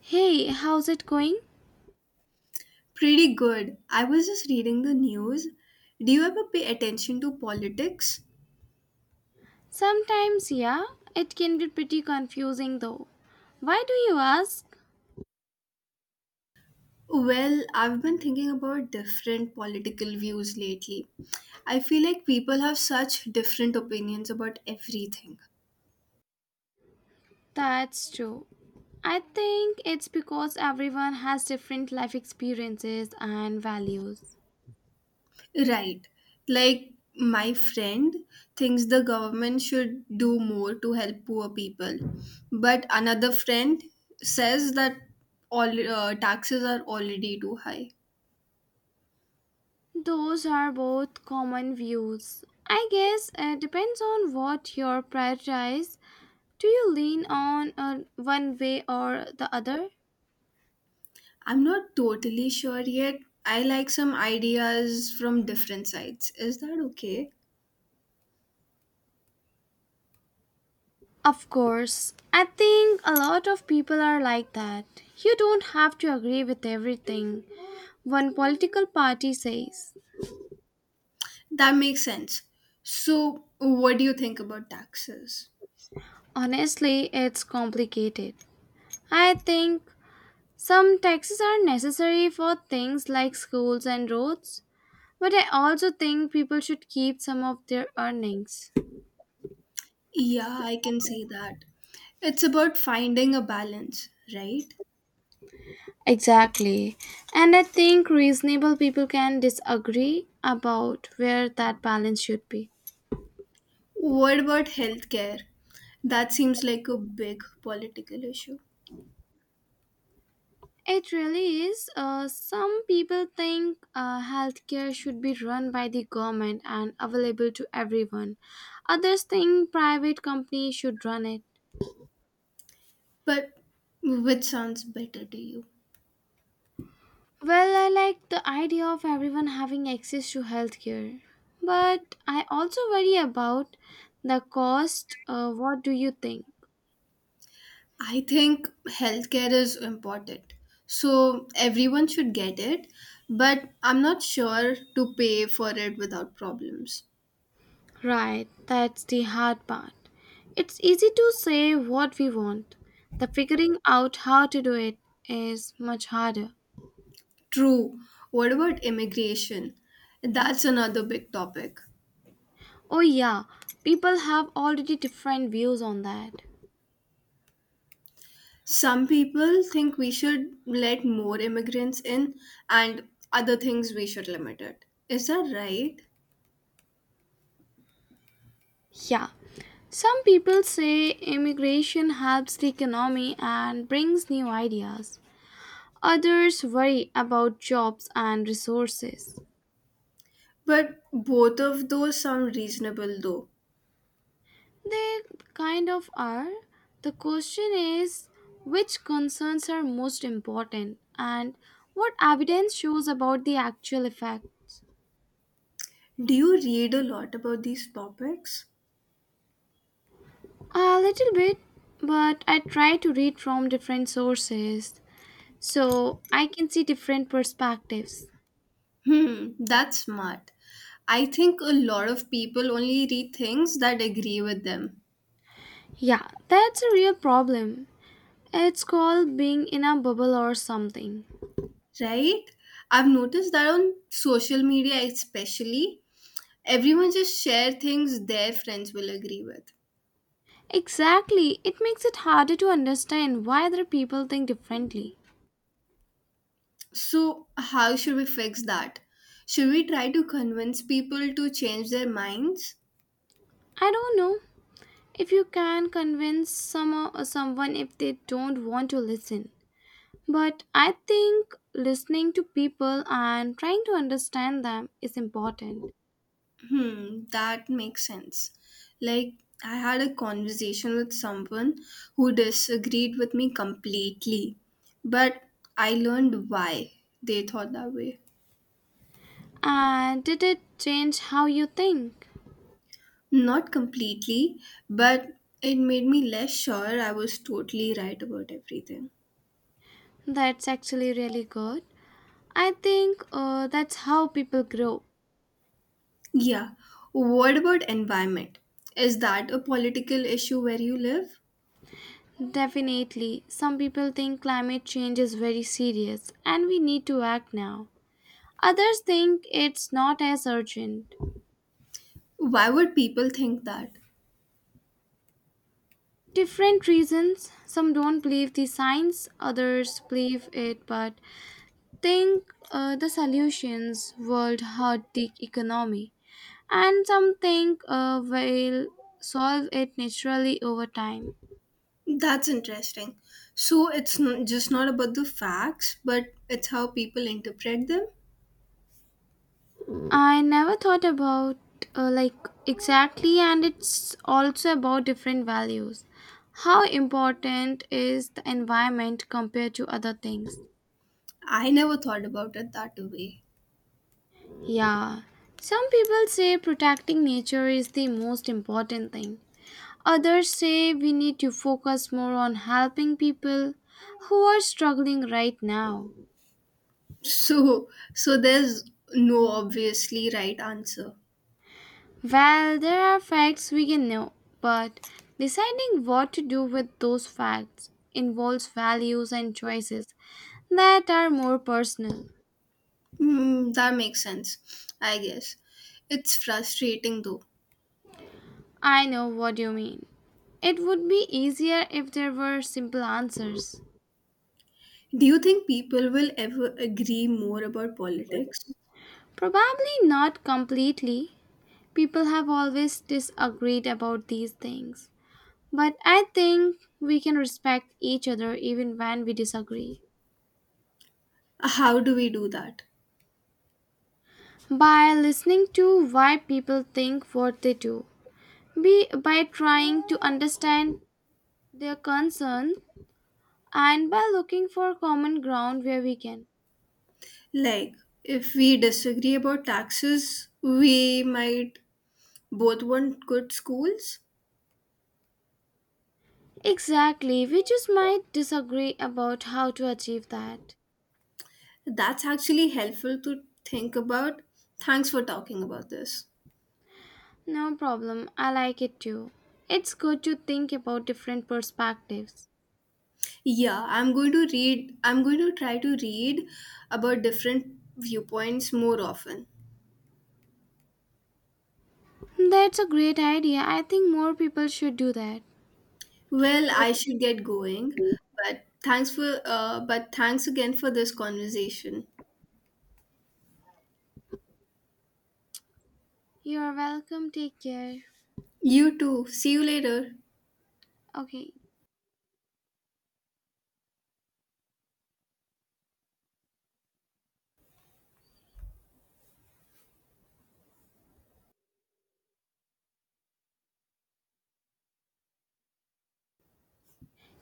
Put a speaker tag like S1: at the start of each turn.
S1: Hey, how's it going?
S2: Pretty good. I was just reading the news. Do you ever pay attention to politics?
S1: Sometimes, yeah, it can be pretty confusing though. Why do you ask?
S2: Well, I've been thinking about different political views lately. I feel like people have such different opinions about everything.
S1: That's true. I think it's because everyone has different life experiences and values.
S2: Right. Like my friend thinks the government should do more to help poor people, but another friend says that all taxes are already too high.
S1: Those are both common views. I guess it depends on what you prioritize. Do you lean on one way or the other?
S2: I'm not totally sure yet. I like some ideas from different sides. Is that okay?
S1: Of course, I think a lot of people are like that. You don't have to agree with everything one political party says.
S2: That makes sense. So, what do you think about taxes?
S1: Honestly, it's complicated. I think some taxes are necessary for things like schools and roads, but I also think people should keep some of their earnings.
S2: Yeah, I can say that. It's about finding a balance, right?
S1: Exactly. And I think reasonable people can disagree about where that balance should be.
S2: What about healthcare? That seems like a big political issue.
S1: It really is. Some people think healthcare should be run by the government and available to everyone. Others think private companies should run it.
S2: But which sounds better to you?
S1: Well, I like the idea of everyone having access to healthcare, but I also worry about the cost. What do you think?
S2: I think healthcare is important. So everyone should get it, but I'm not sure to pay for it without problems.
S1: Right, that's the hard part. It's easy to say what we want. The figuring out how to do it is much harder.
S2: True. What about immigration? That's another big topic.
S1: Oh, yeah, people have already different views on that.
S2: Some people think we should let more immigrants in, and other things we should limit it. Is that right?
S1: Yeah, some people say immigration helps the economy and brings new ideas. Others worry about jobs and resources.
S2: But both of those sound reasonable though.
S1: They kind of are. The question is which concerns are most important and what evidence shows about the actual effects?
S2: Do you read a lot about these topics?
S1: A little bit, but I try to read from different sources so I can see different perspectives.
S2: Hmm, that's smart. I think a lot of people only read things that agree with them,
S1: Yeah, that's a real problem. It's called being in a bubble or something.
S2: right? I've noticed that on social media, especially, everyone just share things their friends will agree with.
S1: Exactly, it makes it harder to understand why other people think differently.
S2: So, how should we fix that? Should we try to convince people to change their minds?
S1: I don't know if you can convince someone if they don't want to listen. But I think listening to people and trying to understand them is important.
S2: Hmm, that makes sense. Like, I had a conversation with someone who disagreed with me completely, but I learned why they thought that way.
S1: And did it change how you think?
S2: Not completely, but it made me less sure I was totally right about everything.
S1: That's actually really good. I think that's how people grow.
S2: Yeah, what about environment? Is that a political issue where you live?
S1: Definitely. Some people think climate change is very serious and we need to act now. Others think it's not as urgent.
S2: Why would people think that?
S1: Different reasons. Some don't believe the science, others believe it but think the solutions would hurt the economy. And some think will solve it naturally over time.
S2: That's interesting. So it's just not about the facts, but it's how people interpret them.
S1: I never thought about like Exactly, and it's also about different values. How important is the environment compared to other things?
S2: I never thought about it that way.
S1: Yeah, some people say protecting nature is the most important thing. Others say we need to focus more on helping people who are struggling right now.
S2: So there's no obviously right answer.
S1: Well, there are facts we can know, but deciding what to do with those facts involves values and choices that are more personal.
S2: Hmm, that makes sense, I guess. It's frustrating though.
S1: I know what you mean. It would be easier if there were simple answers.
S2: Do you think people will ever agree more about politics?
S1: Probably not completely. People have always disagreed about these things. But I think we can respect each other even when we disagree
S2: How do we do that?
S1: by listening to why people think what they do by trying to understand their concerns and by looking for common ground where we can.
S2: Like, if we disagree about taxes, we might both want good schools.
S1: Exactly, we just might disagree about how to achieve that.
S2: That's actually helpful to think about. Thanks for talking about this.
S1: No problem, I like it too. It's good to think about different perspectives.
S2: Yeah, I'm going to try to read about different viewpoints more often.
S1: That's a great idea. I think more people should do that.
S2: Well, I should get going, but but thanks again for this conversation.
S1: You're welcome. Take care.
S2: You too. See you later.
S1: Okay.